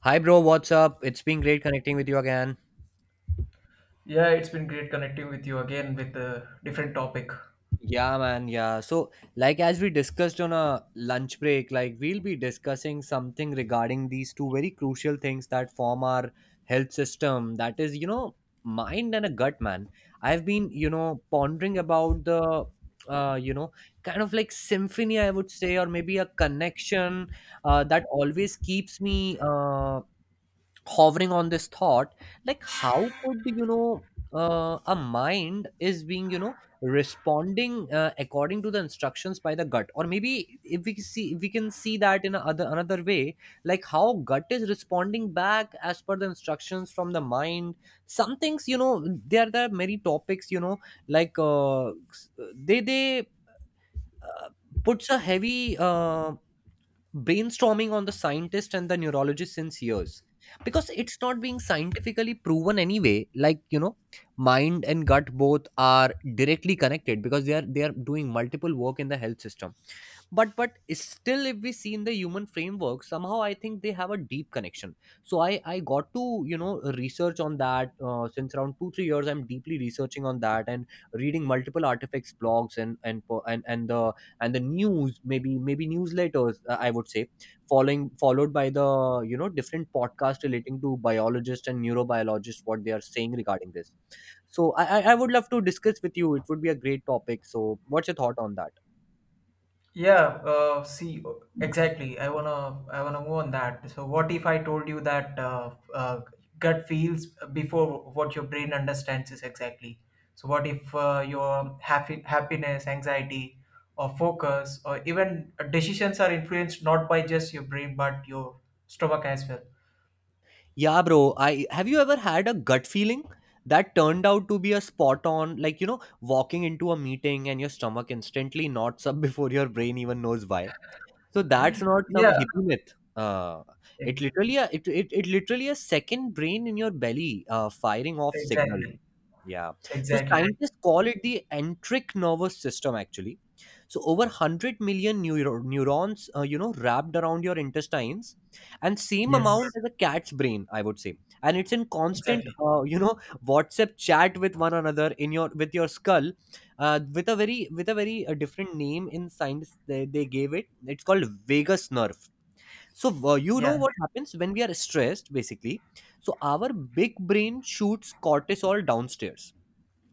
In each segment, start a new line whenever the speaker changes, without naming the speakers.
Hi, bro. What's up? It's been great connecting with you again.
Yeah, it's been great connecting with you again with a different topic.
Yeah, man. Yeah. So, like, as we discussed on a lunch break, like, we'll be discussing something regarding these two very crucial things that form our health system that is, mind and a gut, man. I've been, pondering about uh, you know, kind of like symphony, I would say, or maybe a connection that always keeps me, hovering on this thought, like how could a mind is being responding according to the instructions by the gut, or maybe if we can see that in a other another way, like how gut is responding back as per the instructions from the mind. Some things, there are many topics. Like they uh, puts a heavy brainstorming on the scientist and the neurologist since years, because it's not being scientifically proven anyway, like mind and gut both are directly connected, because they are doing multiple work in the health system. But still, if we see in the human framework, somehow I think they have a deep connection. So I got to research on that since around 2 3 years. I'm deeply researching on that, and reading multiple artifacts, blogs and po- and the news, maybe newsletters, I would say, following followed by the different podcasts relating to biologists and neurobiologists, what they are saying regarding this. So I would love to discuss with you. It would be a great topic. So what's your thought on that?
Yeah, see, exactly. I wanna move on that. So, what if I told you that gut feels before what your brain understands is exactly? So, what if your happiness, anxiety, or focus, or even decisions are influenced not by just your brain but your stomach as well?
Yeah, bro. I Have you ever had a gut feeling that turned out to be a spot on, like, walking into a meeting and your stomach instantly knots up before your brain even knows why? So that's not some
Yeah,
hippie myth.
e-
It literally a second brain in your belly, firing off signals.
exactly,
Yeah. So
exactly.
scientists call it the entric nervous system, actually. So over 100 million neurons, wrapped around your intestines, and same amount
Yes,
as a cat's brain, I would say. And it's in constant
exactly.
WhatsApp chat with one another, in your with your skull, with a very different name in science, they gave it. It's called vagus nerve. So you know
Yeah.
what happens when we are stressed, basically. So our big brain shoots cortisol downstairs,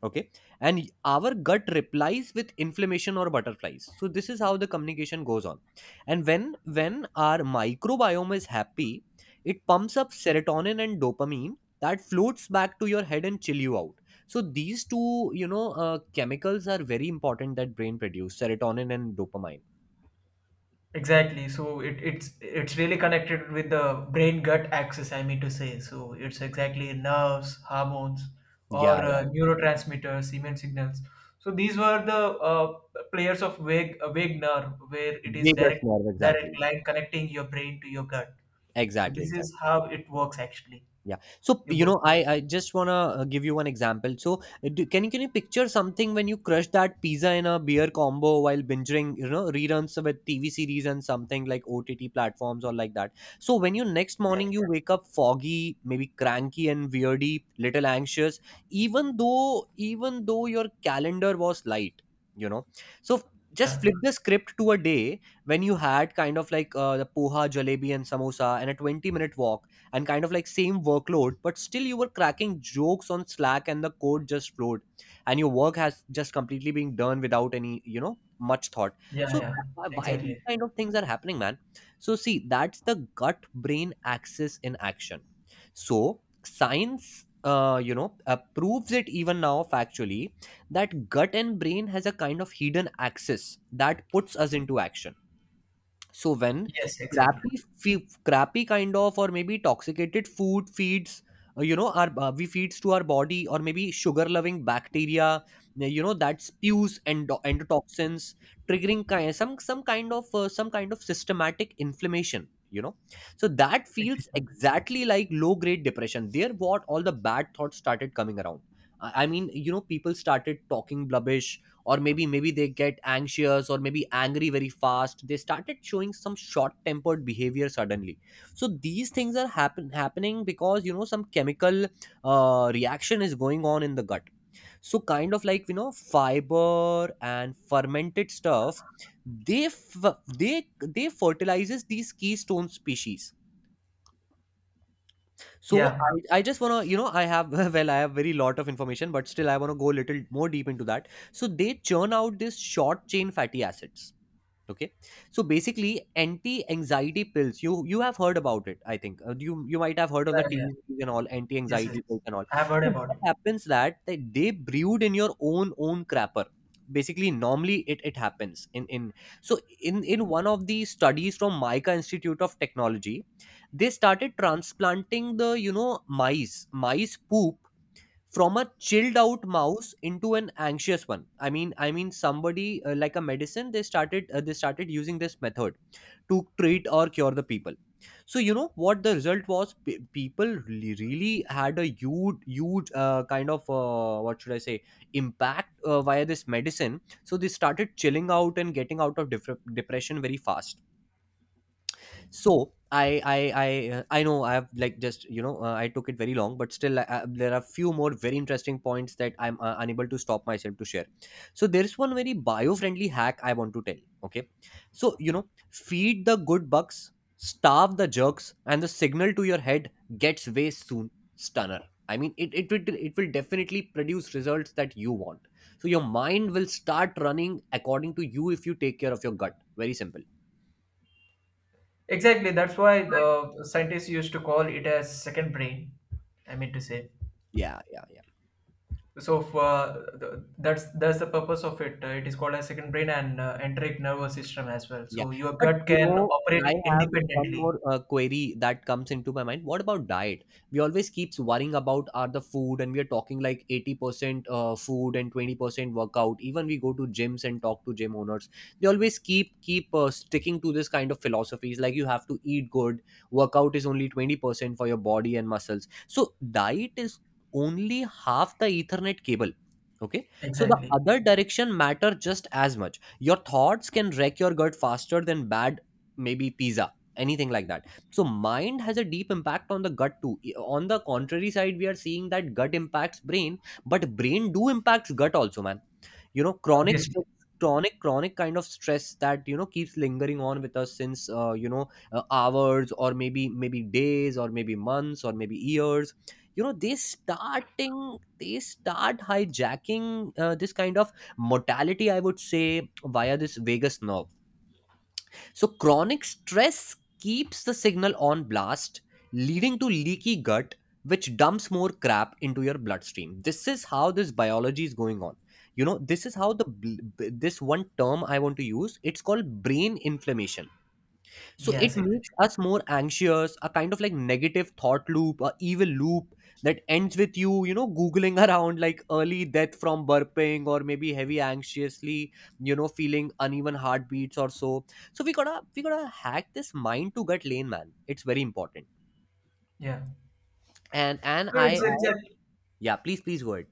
okay, and our gut replies with inflammation or butterflies. So this is how the communication goes on. And when our microbiome is happy, it pumps up serotonin and dopamine that floats back to your head and chill you out. So these two, chemicals are very important, that brain produce serotonin and dopamine.
Exactly. So it's really connected with the brain gut axis, I mean to say. So it's exactly nerves, hormones,
Yeah,
or
yeah.
neurotransmitters, immune signals. So these were the players of vague nerve, where it is
Vagus nerve, exactly.
direct line connecting your brain to your gut. So
Exactly,
this
exactly.
is how it works actually.
Yeah. So,
Your book
I just wanna give you one example. So can you picture something when you crush that pizza in a beer combo while binging reruns with TV series and something like OTT platforms or like that. So when you next morning
exactly.
you wake up foggy, maybe cranky and weirdy, little anxious, even though your calendar was light, you know. So just
Yeah.
flip the script to a day when you had kind of like the poha, jalebi, and samosa, and a 20 minute walk, and kind of like same workload, but still you were cracking jokes on slack and the code just flowed, and your work has just completely been done without any much thought.
Yeah.
So
Yeah.
why these
Exactly.
kind of things are happening, man? So see, that's the gut brain axis in action. So science, proves it even now factually, that gut and brain has a kind of hidden axis that puts us into action. So when
Yes. Exactly.
crappy, crappy kind of, or maybe toxicated food feeds, our we feeds to our body or maybe sugar-loving bacteria, that spews endotoxins, triggering some kind of systematic inflammation. So that feels
Exactly.
exactly like low-grade depression. There, what all the bad thoughts started coming around. I mean, people started talking blubbish, or maybe they get anxious or maybe angry very fast. They started showing some short tempered behavior suddenly. So these things are happening because, some chemical reaction is going on in the gut. So kind of like, fiber and fermented stuff, they f- they they fertilizes these keystone species. So
Yeah.
I just wanna, I have well, I have very lot of information, but still I wanna go a little more deep into that. So they churn out this short chain fatty acids. Okay, so basically, anti-anxiety pills. You have heard about it, I think. You might have heard on the
Yeah.
TV
Yeah.
series and all,
Yes. Yes.
anti-anxiety pills and all.
I have heard
So
about
what
it.
happens that they brewed in your own crapper. Basically, normally it happens in so in one of the studies from Mica Institute of Technology. They started transplanting the, mice poop from a chilled out mouse into an anxious one. I mean, somebody like a medicine, they started using this method to treat or cure the people. So you know what the result was. People really, really had a huge kind of, what should I say, impact via this medicine. So they started chilling out and getting out of depression very fast. So I know I have, like, just, I took it very long. But still, there are few more very interesting points that I'm unable to stop myself to share. So there's one very bio-friendly hack I want to tell. Okay, so feed the good bugs, starve the jerks, and the signal to your head gets way soon, stunner. I mean, it will definitely produce results that you want. So your mind will start running according to you if you take care of your gut. Very simple.
Exactly, that's why scientists used to call it as second brain. I mean to say,
Yeah, yeah, yeah.
so that's the purpose of it. It is called as second brain and enteric nervous system as well.
Yeah.
So your
But,
gut can
I
operate
have one
independently.
more query that comes into my mind. What about diet? We always keeps worrying about are the food, and we are talking like 80% food and 20% workout. Even we go to gyms and talk to gym owners. They always keep sticking to this kind of philosophies, like you have to eat good. Workout is only 20% for your body and muscles. So diet is only half the Ethernet cable. Okay. So the
Exactly.
other direction matter just as much. Your thoughts can wreck your gut faster than bad, maybe pizza, anything like that. So mind has a deep impact on the gut too. On the contrary side, we are seeing that gut impacts brain, but brain do impacts gut also, man. Chronic
Obviously.
stress, chronic kind of stress that, keeps lingering on with us since, hours, or maybe days, or maybe months, or maybe years. They start hijacking, this kind of mortality, I would say, via this vagus nerve. So, chronic stress keeps the signal on blast, leading to leaky gut, which dumps more crap into your bloodstream. This is how this biology is going on. This is how the this one term I want to use. It's called brain inflammation. So it
Yes. Exactly.
makes us more anxious, a kind of like negative thought loop, a evil loop that ends with you, you know googling around, like early death from burping or maybe heavy anxiously, feeling uneven heartbeats or so. So we gotta hack this mind to gut lane, man. It's very important.
Yeah.
And
So
I,
it's
I.
exact.
Yeah, please, please go ahead.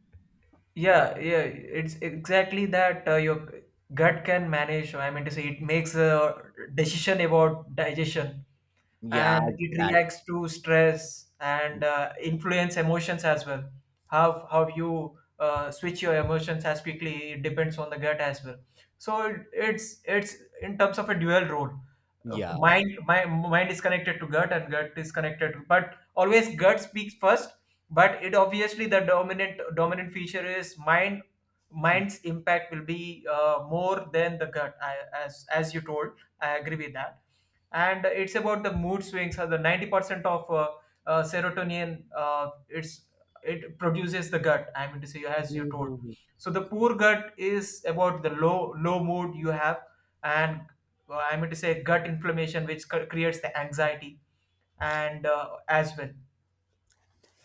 Yeah, it's exactly that. Your gut can manage. I mean to say, it makes a decision about digestion,
Yeah,
and it
exactly.
reacts to stress and influence emotions as well. How you switch your emotions as quickly it depends on the gut as well. So it's in terms of a dual role.
Yeah.
Mind My mind is connected to gut and gut is connected to, but always gut speaks first, but it obviously the dominant feature is mind. Mind's impact will be more than the gut. As you told, I agree with that. And it's about the mood swings, so the 90% of serotonin it's it produces the gut, I mean to say, as you told.
Mhm.
So the poor gut is about the low mood you have. And I mean to say gut inflammation, which creates the anxiety, and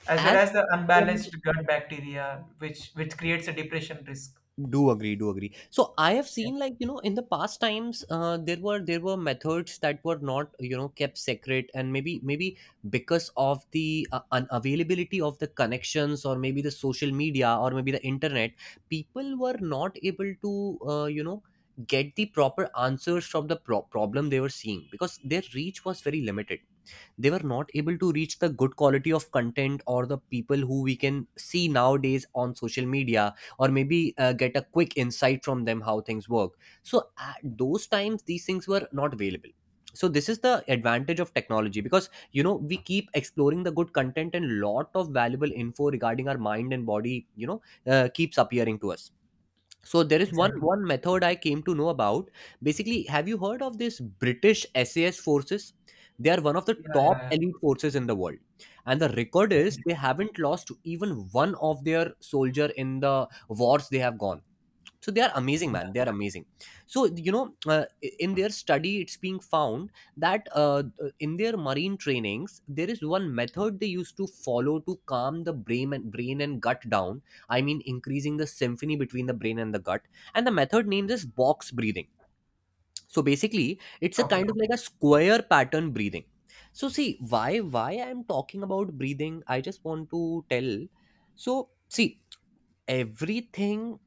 as
as
well as the
from
unbalanced gut bacteria, which creates a depression risk.
Do agree, so I have
Yeah,
seen, like, you know, in the past times, there were methods that were not, you know, kept secret, and maybe because of the unavailability of the connections, or maybe the social media, or maybe the internet. People were not able to, you know, get the proper answers from the problem they were seeing, because their reach was very limited. They were not able to reach the good quality of content or the people who we can see nowadays on social media, or maybe get a quick insight from them how things work. So at those times these things were not available. So this is the advantage of technology, because, you know, we keep exploring the good content, and lot of valuable info regarding our mind and body, you know, keeps appearing to us. So there is one
exactly.
one method I came to know about. Basically, have you heard of this British SAS forces? They are one of the
Yeah,
top
yeah.
elite forces in the world. And the record is
Exactly.
they haven't lost even one of their soldier in the wars they have gone. So they are amazing, man,
Yeah.
they are amazing. So, you know, in their study it's being found that in their marine trainings there is one method they used to follow to calm the brain and gut down. I mean, increasing the symphony between the brain and the gut. And the method named is box breathing. So basically, it's a kind of
Okay.
like a square pattern breathing. So see, why I am talking about breathing. I just want to tell. So, see, everything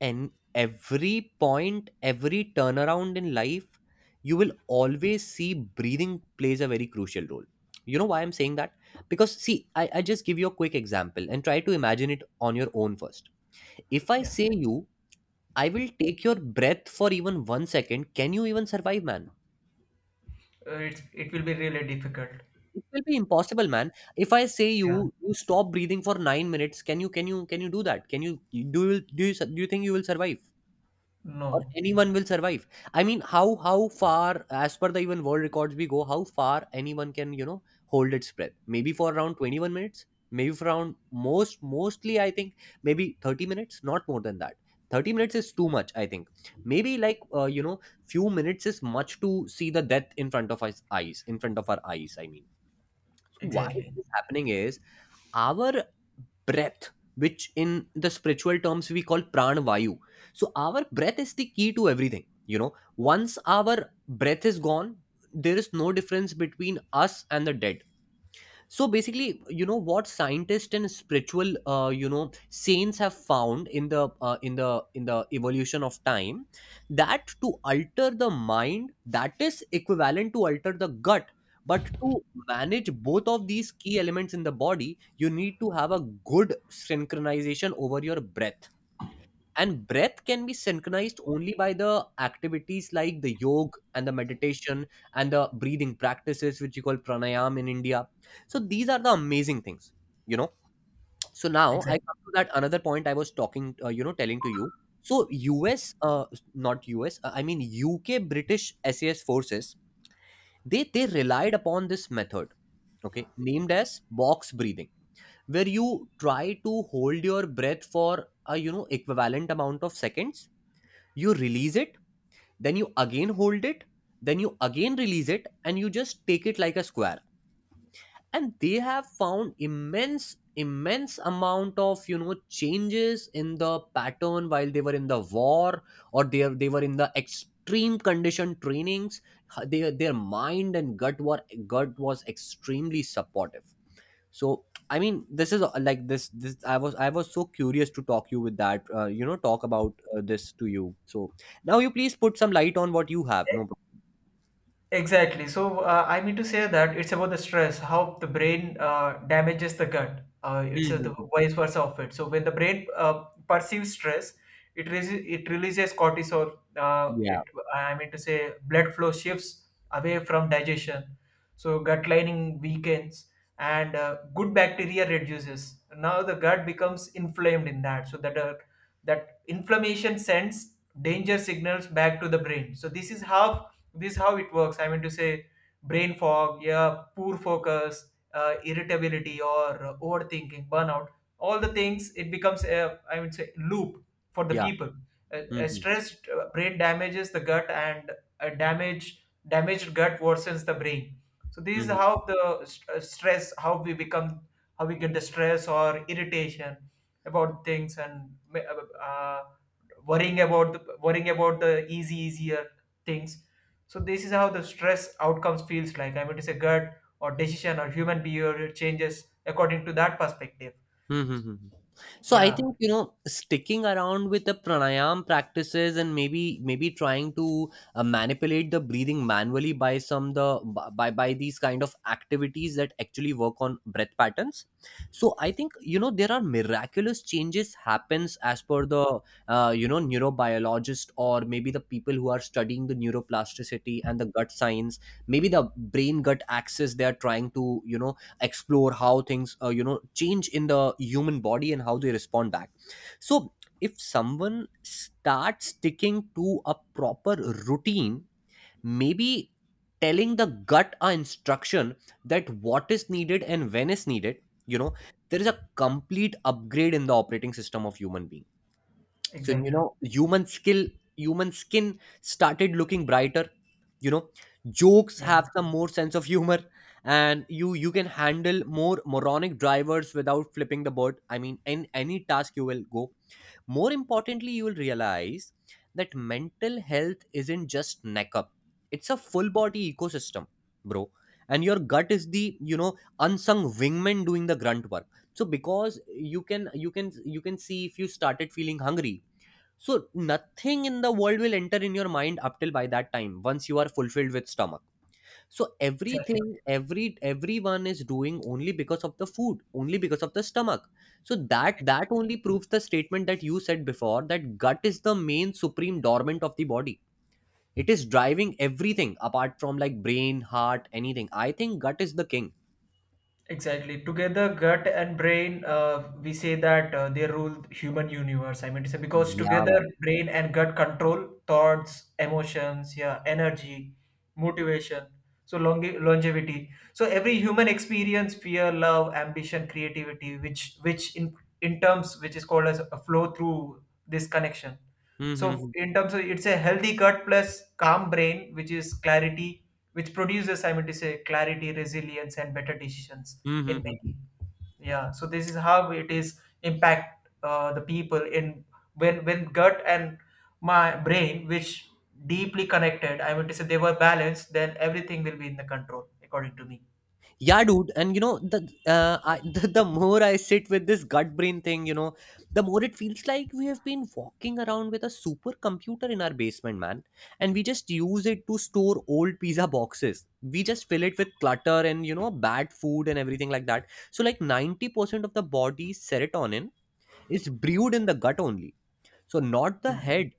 and every point, every turnaround in life, you will always see breathing plays a very crucial role. You know why I'm saying that? Because, see, I just give you a quick example and try to imagine it on your own first. If I
Yeah.
say you, I will take your breath for even 1 second, can you even survive, man?
It's it will be really difficult.
It will be impossible, man. If I say you,
Yeah.
stop breathing for 9 minutes, can you do that? Can you, do you, do you think you will survive, or
No.
anyone will survive? I mean, how far, as per the even world records we go, how far anyone can, you know, hold its breath? Maybe for around 21 minutes, maybe for around, mostly I think, maybe 30 minutes, not more than that. 30 minutes is too much, I think. Maybe like, you know, few minutes is much to see the death in front of us eyes, in front of our eyes, I mean. So why
Exactly.
this is happening is, our breath, which in the spiritual terms we call prana vayu. So our breath is the key to everything, you know. Once our breath is gone, there is no difference between us and the dead. So basically, you know, what scientists and spiritual, you know, saints have found in the in the evolution of time, that to alter the mind, that is equivalent to alter the gut. But to manage both of these key elements in the body, you need to have a good synchronization over your breath. And breath can be synchronized only by the activities like the yoga and the meditation, and the breathing practices which you call pranayam in India. So these are the amazing things, you know. So now I
Exactly.
come to that another point I was talking, you know, telling to you. So us uh, not us I mean, UK British SAS forces, they relied upon this method, okay, named as box breathing, where you try to hold your breath for a, you know, equivalent amount of seconds. You release it, then you again hold it, then you again release it, and you just take it like a square. And they have found immense, immense amount of, you know, changes in the pattern while they were in the war, or they were in the extreme condition trainings. Their mind and gut was extremely supportive. So I mean, this is like this I was so curious to talk you with that, you know, talk about this to you. So now you please put some light on what you have. No problem.
Exactly. So I mean to say that it's about the stress, how the brain damages the gut. It's the
Mhm.
vice versa of it. So when the brain perceives stress, it re- it releases cortisol.
Yeah,
It I mean to say blood flow shifts away from digestion, so gut lining weakens and good bacteria reduces. Now the gut becomes inflamed in that, so that that inflammation sends danger signals back to the brain. So this is how it works, I mean to say. Brain fog, yeah, poor focus, irritability, or overthinking, burnout, all the things. It becomes a, I would say, loop for the
yeah.
people. A, a
Hmm.
stressed brain damages the gut, and a damaged gut worsens the brain. So this is how the stress, how we become, how we get the stress or irritation about things, and worrying about worrying about the easy easier things. So this is how the stress outcomes feels like, I mean to say gut or decision or human behavior changes according to that perspective.
Mm-hmm. So I
Yeah,
think, you know, sticking around with the pranayam practices, and maybe trying to manipulate the breathing manually by some the, by these kind of activities that actually work on breath patterns. So I think, you know, there are miraculous changes happens as per the you know, neurobiologist, or maybe the people who are studying the neuroplasticity and the gut science. Maybe the brain gut axis, they are trying to, you know, explore how things, you know, change in the human body and how they respond back. So if someone starts sticking to a proper routine, maybe telling the gut a instruction, that what is needed and when is needed, you know, there is a complete upgrade in the operating system of human being. So, you
exactly.
know, human skill, human skin started looking brighter, you know. Jokes
Yeah,
have some more sense of humor, and you can handle more moronic drivers without flipping the bird, I mean, in any task you will go. More importantly, you will realize that mental health isn't just neck up, it's a full body ecosystem, bro. And your gut is the, you know, unsung wingman doing the grunt work. So because you can see, if you started feeling hungry, so nothing in the world will enter in your mind up till by that time, once you are fulfilled with stomach. So
exactly.
everything, everyone is doing only because of the food, only because of the stomach. So that only proves the statement that you said before, that gut is the main supreme dormant of the body. It is driving everything apart from like brain, heart, anything. I think gut is the king.
Exactly. Together, gut and brain, we say that they rule the human universe. I mean to say because
Yeah,
together,
man.
brain and gut control thoughts, emotions, yeah, energy, motivation, so longevity. So every human experience, fear, love, ambition, creativity, which in terms which is called as a flow through this connection.
Hmm, hmm,
So
hmm.
in terms of it's a healthy gut plus calm brain, which is clarity, which produces, I mean to say, clarity, resilience, and better decisions
Hmm, hmm,
in
hmm, hmm.
making. Yeah. So this is how it is impact the people in when gut and my brain, which deeply connected, I mean to say they were balanced, then everything will be in the control, according to me.
Yeah, dude. And, you know, the the more I sit with this gut brain thing, you know, the more it feels like we have been walking around with a supercomputer in our basement, man, and we just use it to store old pizza boxes. We just fill it with clutter, and, you know, bad food and everything like that. So like 90% of the body's serotonin is brewed in the gut only. So not the head.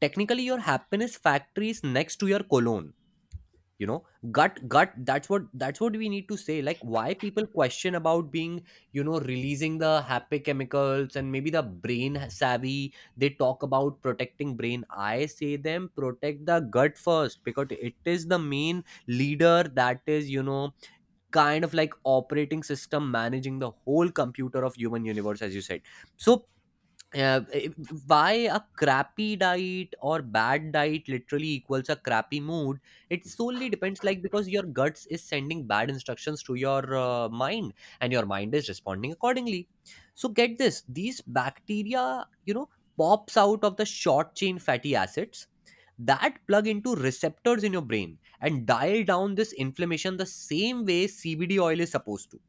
Technically your happiness factory is next to your colon, you know. Gut, that's what we need to say. Like, why people question about being, you know, releasing the happy chemicals, and maybe the brain savvy, they talk about protecting brain. I say them protect the gut first, because it is the main leader, that is, you know, kind of like operating system managing the whole computer of human universe, as you said. So uh, eh, why a crappy diet or bad diet literally equals a crappy mood. It solely depends, like, because your guts is sending bad instructions to your mind, and your mind is responding accordingly. So get this, these bacteria, you know, pops out of the short chain fatty acids that plug into receptors in your brain and dial down this inflammation, the same way CBD oil is supposed to,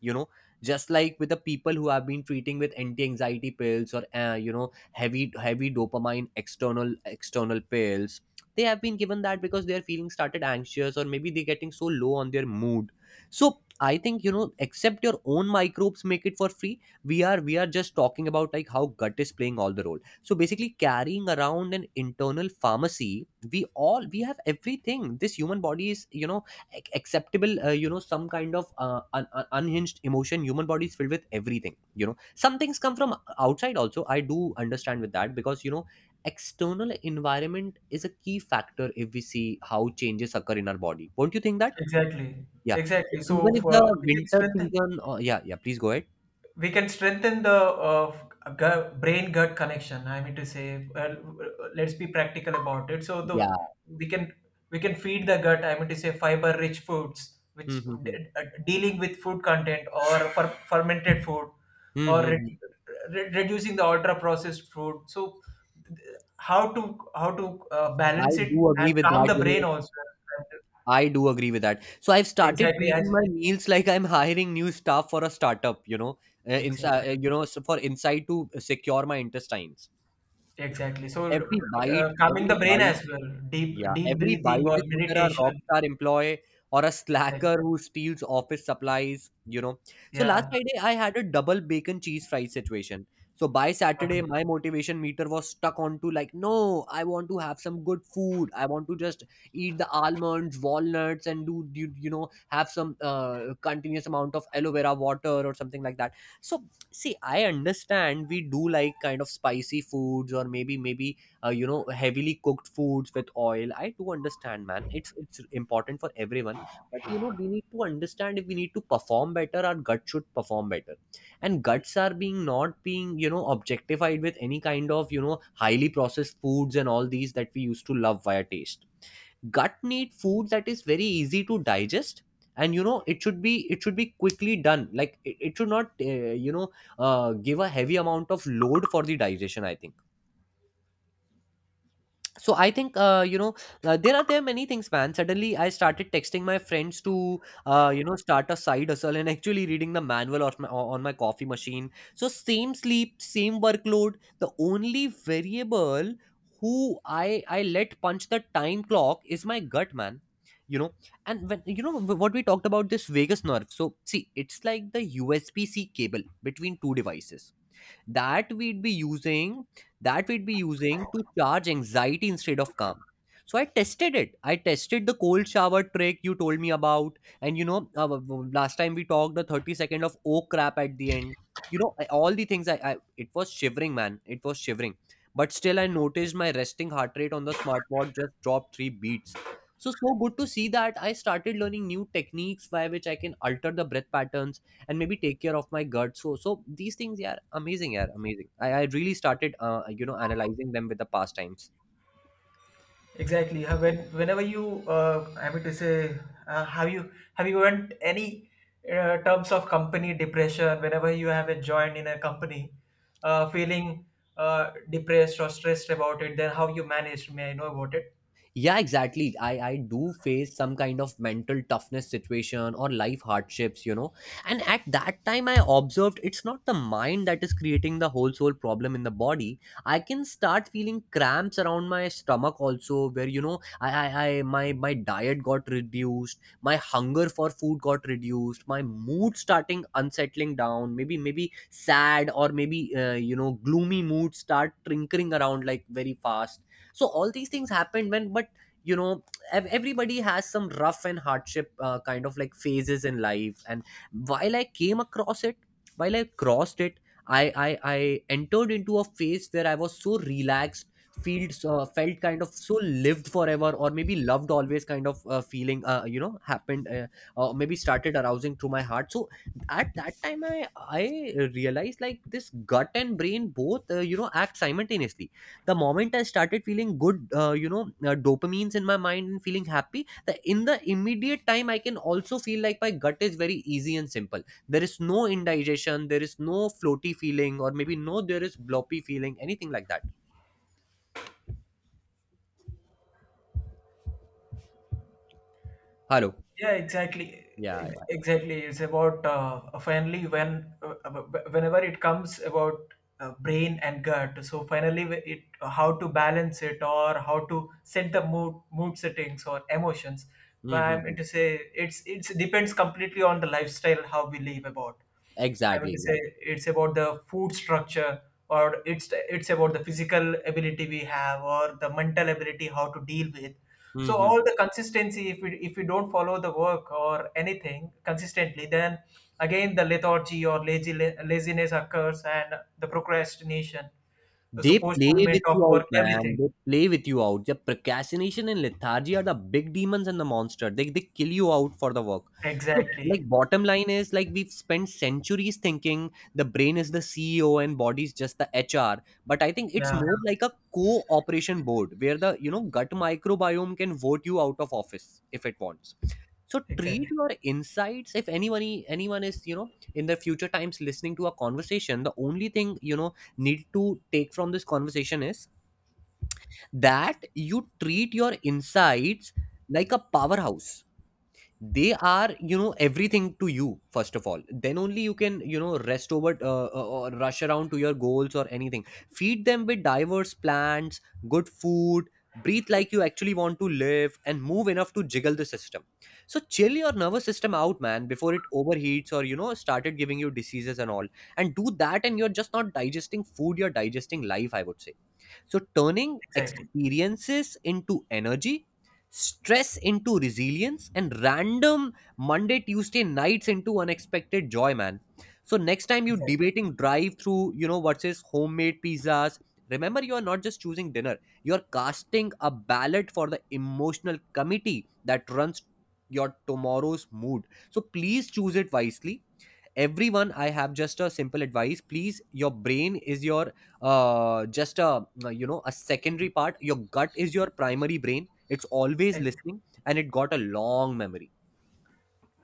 you know. Just like with the people who have been treating with anti-anxiety pills, or you know, heavy dopamine external pills, they have been given that because they are feeling started anxious, or maybe they're getting so low on their mood. So I think, you know, accept your own microbes, make it for free. We are just talking about like how gut is playing all the role. So basically, carrying around an internal pharmacy. We have everything. This human body is, you know, acceptable, you know, some kind of unhinged emotion. Human body is filled with everything, you know. Some things come from outside also, I do understand with that, because, you know, external environment is a key factor if we see how changes occur in our body. Won't you think that?
Exactly.
Yeah.
Exactly. So
Even if the
for we can
winter
strengthen,
season, or yeah, yeah, please go ahead.
we can strengthen the uh, gut, brain gut connection, I mean to say. Well, let's be practical about it. So the
Yeah.
we can, we can feed the gut, I mean to say, fiber rich foods
Hmm,
which
hmm, hmm.
dealing with food content or fermented food
Hmm,
or
hmm, hmm.
re- reducing the ultra processed food. So th- how to, how to
I
balance it
do agree
and
with
calm
that.
the
You
brain
know,
also.
I do agree with that. So I've started
Exactly as
treating my meals like I'm hiring new staff for a startup, you know,
exactly.
inside, you know, so for inside to secure my intestines.
Exactly. So
Every bite,
calming
every
the brain
bite
as well.
Yeah,
Deep
every
breathing
bite
or
is either a rock
meditation.
star employee, or a
Exactly.
slacker who steals office supplies, you know. So last
Yeah.
Friday, I had a double bacon cheese fries situation. So by Saturday,
Okay.
my motivation meter was stuck onto like, no, I want to have some good food. I want to just eat the almonds, walnuts, and do, you know, have some continuous amount of aloe vera water or something like that. So see, I understand we do like kind of spicy foods or maybe, you know, heavily cooked foods with oil. I do understand, man, it's important for everyone, but you know, we need to understand if we need to perform better, our gut should perform better. And guts are being not being you know, objectified with any kind of you know, highly processed foods and all these that we used to love via taste. Gut need food that is very easy to digest. And you know, it should be quickly done, like it should not give a heavy amount of load for the digestion, I think. So I think, there are many things, man. Suddenly I started texting my friends to you know, start a side hustle, and actually reading the manual on on my coffee machine. So same sleep, same workload. The only variable who I let punch the time clock is my gut, man, you know. And when you know, what we talked about, this vagus nerve, so see, it's like the USB C cable between two devices that we'd be using, that we'd be using to charge anxiety instead of calm. So I tested it. I tested the cold shower trick you told me about, and you know, last time we talked, the 30 second of oh crap at the end. You know, all the things, I, it was shivering, man, it was shivering. But still I noticed my resting heart rate on the smartwatch just dropped 3 beats. So so good to see that, I started learning new techniques by which I can alter the breath patterns and maybe take care of my gut. So so these things, yeah, amazing, yeah, amazing. I really started you know, analyzing them with the pastimes.
Exactly. Whenever you I mean to say have you went any terms of company depression whenever you have joined in a company, feeling depressed or stressed about it, then how you managed, may I know about it?
Yeah, exactly. I do face some kind of mental toughness situation or life hardships, you know. And at that time, I observed it's not the mind that is creating the whole soul problem in the body. I can start feeling cramps around my stomach also, where you know, I my diet got reduced, my hunger for food got reduced, my mood starting unsettling down. Maybe sad or maybe you know, gloomy mood start trinkering around like very fast. So all these things happened when, but you know, everybody has some rough and hardship kind of like phases in life. And while I came across it, while I crossed it, I entered into a phase where I was so relaxed. Felt kind of so lived forever, or maybe loved always kind of feeling you know happened, or maybe started arousing through my heart. So at that time, I realized like this gut and brain both you know, act simultaneously. The moment I started feeling good, dopamines in my mind and feeling happy, in the immediate time, I can also feel like my gut is very easy and simple. There is no indigestion, there is no floaty feeling, or maybe no, there is bloppy feeling anything like that. Hello.
Yeah, exactly.
Yeah, yeah.
Exactly. It's about finally when whenever it comes about brain and gut. So finally, it how to balance it or how to set the mood settings or emotions. But I'm
Mm-hmm.
mean to say it's depends completely on the lifestyle how we live about. I
Exactly,
want to say
exactly.
it's about the food structure, or it's about the physical ability we have, or the mental ability how to deal with. So all
Hmm.
the consistency, if we, if we don't follow the work or anything consistently, then again the lethargy or lazy laziness occurs and the procrastination, so
They play
postponement
with
of
you out,
work,
man. They
everything.
play with you out. The procrastination and lethargy are the big demons and the monster. They kill you out for the work. So, like,
Exactly.
bottom line is, like, we've spent centuries thinking the brain is the CEO and body's just the HR. But I think it's
Yeah.
more like a cooperation board where the you know, gut microbiome can vote you out of office if it wants. So treat
Exactly.
your insights. If anyone, anyone is you know, in the future times listening to a conversation, the only thing you know, need to take from this conversation is that you treat your insights like a powerhouse. They are you know, everything to you first of all, then only you can you know, rest over or rush around to your goals or anything. Feed them with diverse plants, good food. Breathe like you actually want to live, and move enough to jiggle the system. So chill your nervous system out, man, before it overheats or you know, started giving you diseases and all. And do that, and you're just not digesting food, you're digesting life, I would say. So, turning
Exactly.
experiences into energy, stress into resilience, and random Monday, Tuesday nights into unexpected joy, man. So, next time you
Exactly.
debating drive through, you know, versus homemade pizzas, remember, you are not just choosing dinner, you're casting a ballot for the emotional committee that runs your tomorrow's mood. So, please choose it wisely, everyone. I have just a simple advice, please. Your brain is your just a you know, a secondary part. Your gut is your primary brain. It's always listening, and it got a long memory.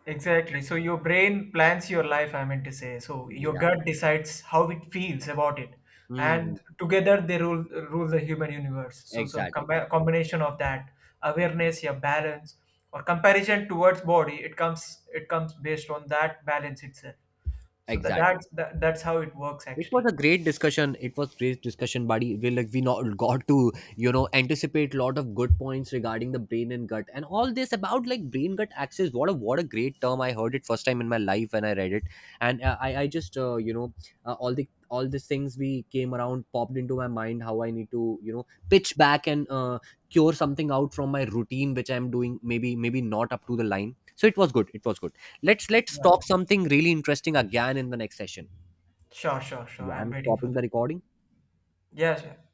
Exactly. So your brain plans your life, I meant to say. So your
Yeah.
gut decides how it feels about it.
Hmm.
And together they rule the human universe. So so
Exactly.
combination of that
Yeah,
awareness, your balance, or comparison towards body, it comes based on that balance itself. So
exactly.
that, that's how it works
It was
actually.
a great discussion. It was great discussion, buddy. We like we not got to you know, anticipate a lot of good points regarding the brain and gut and all this about like brain gut axis. What a great term! I heard it first time in my life when I read it, and I just all the all these things we came around popped into my mind how I need to you know, pitch back and cure something out from my routine which I'm doing, maybe not up to the line. So it was good. It was good. Let's
Yeah.
talk something really interesting again in the next session.
Sure, sure.
Yeah,
I'm
I'm
waiting for
stopping the
that.
recording.
Yes, yeah, sure.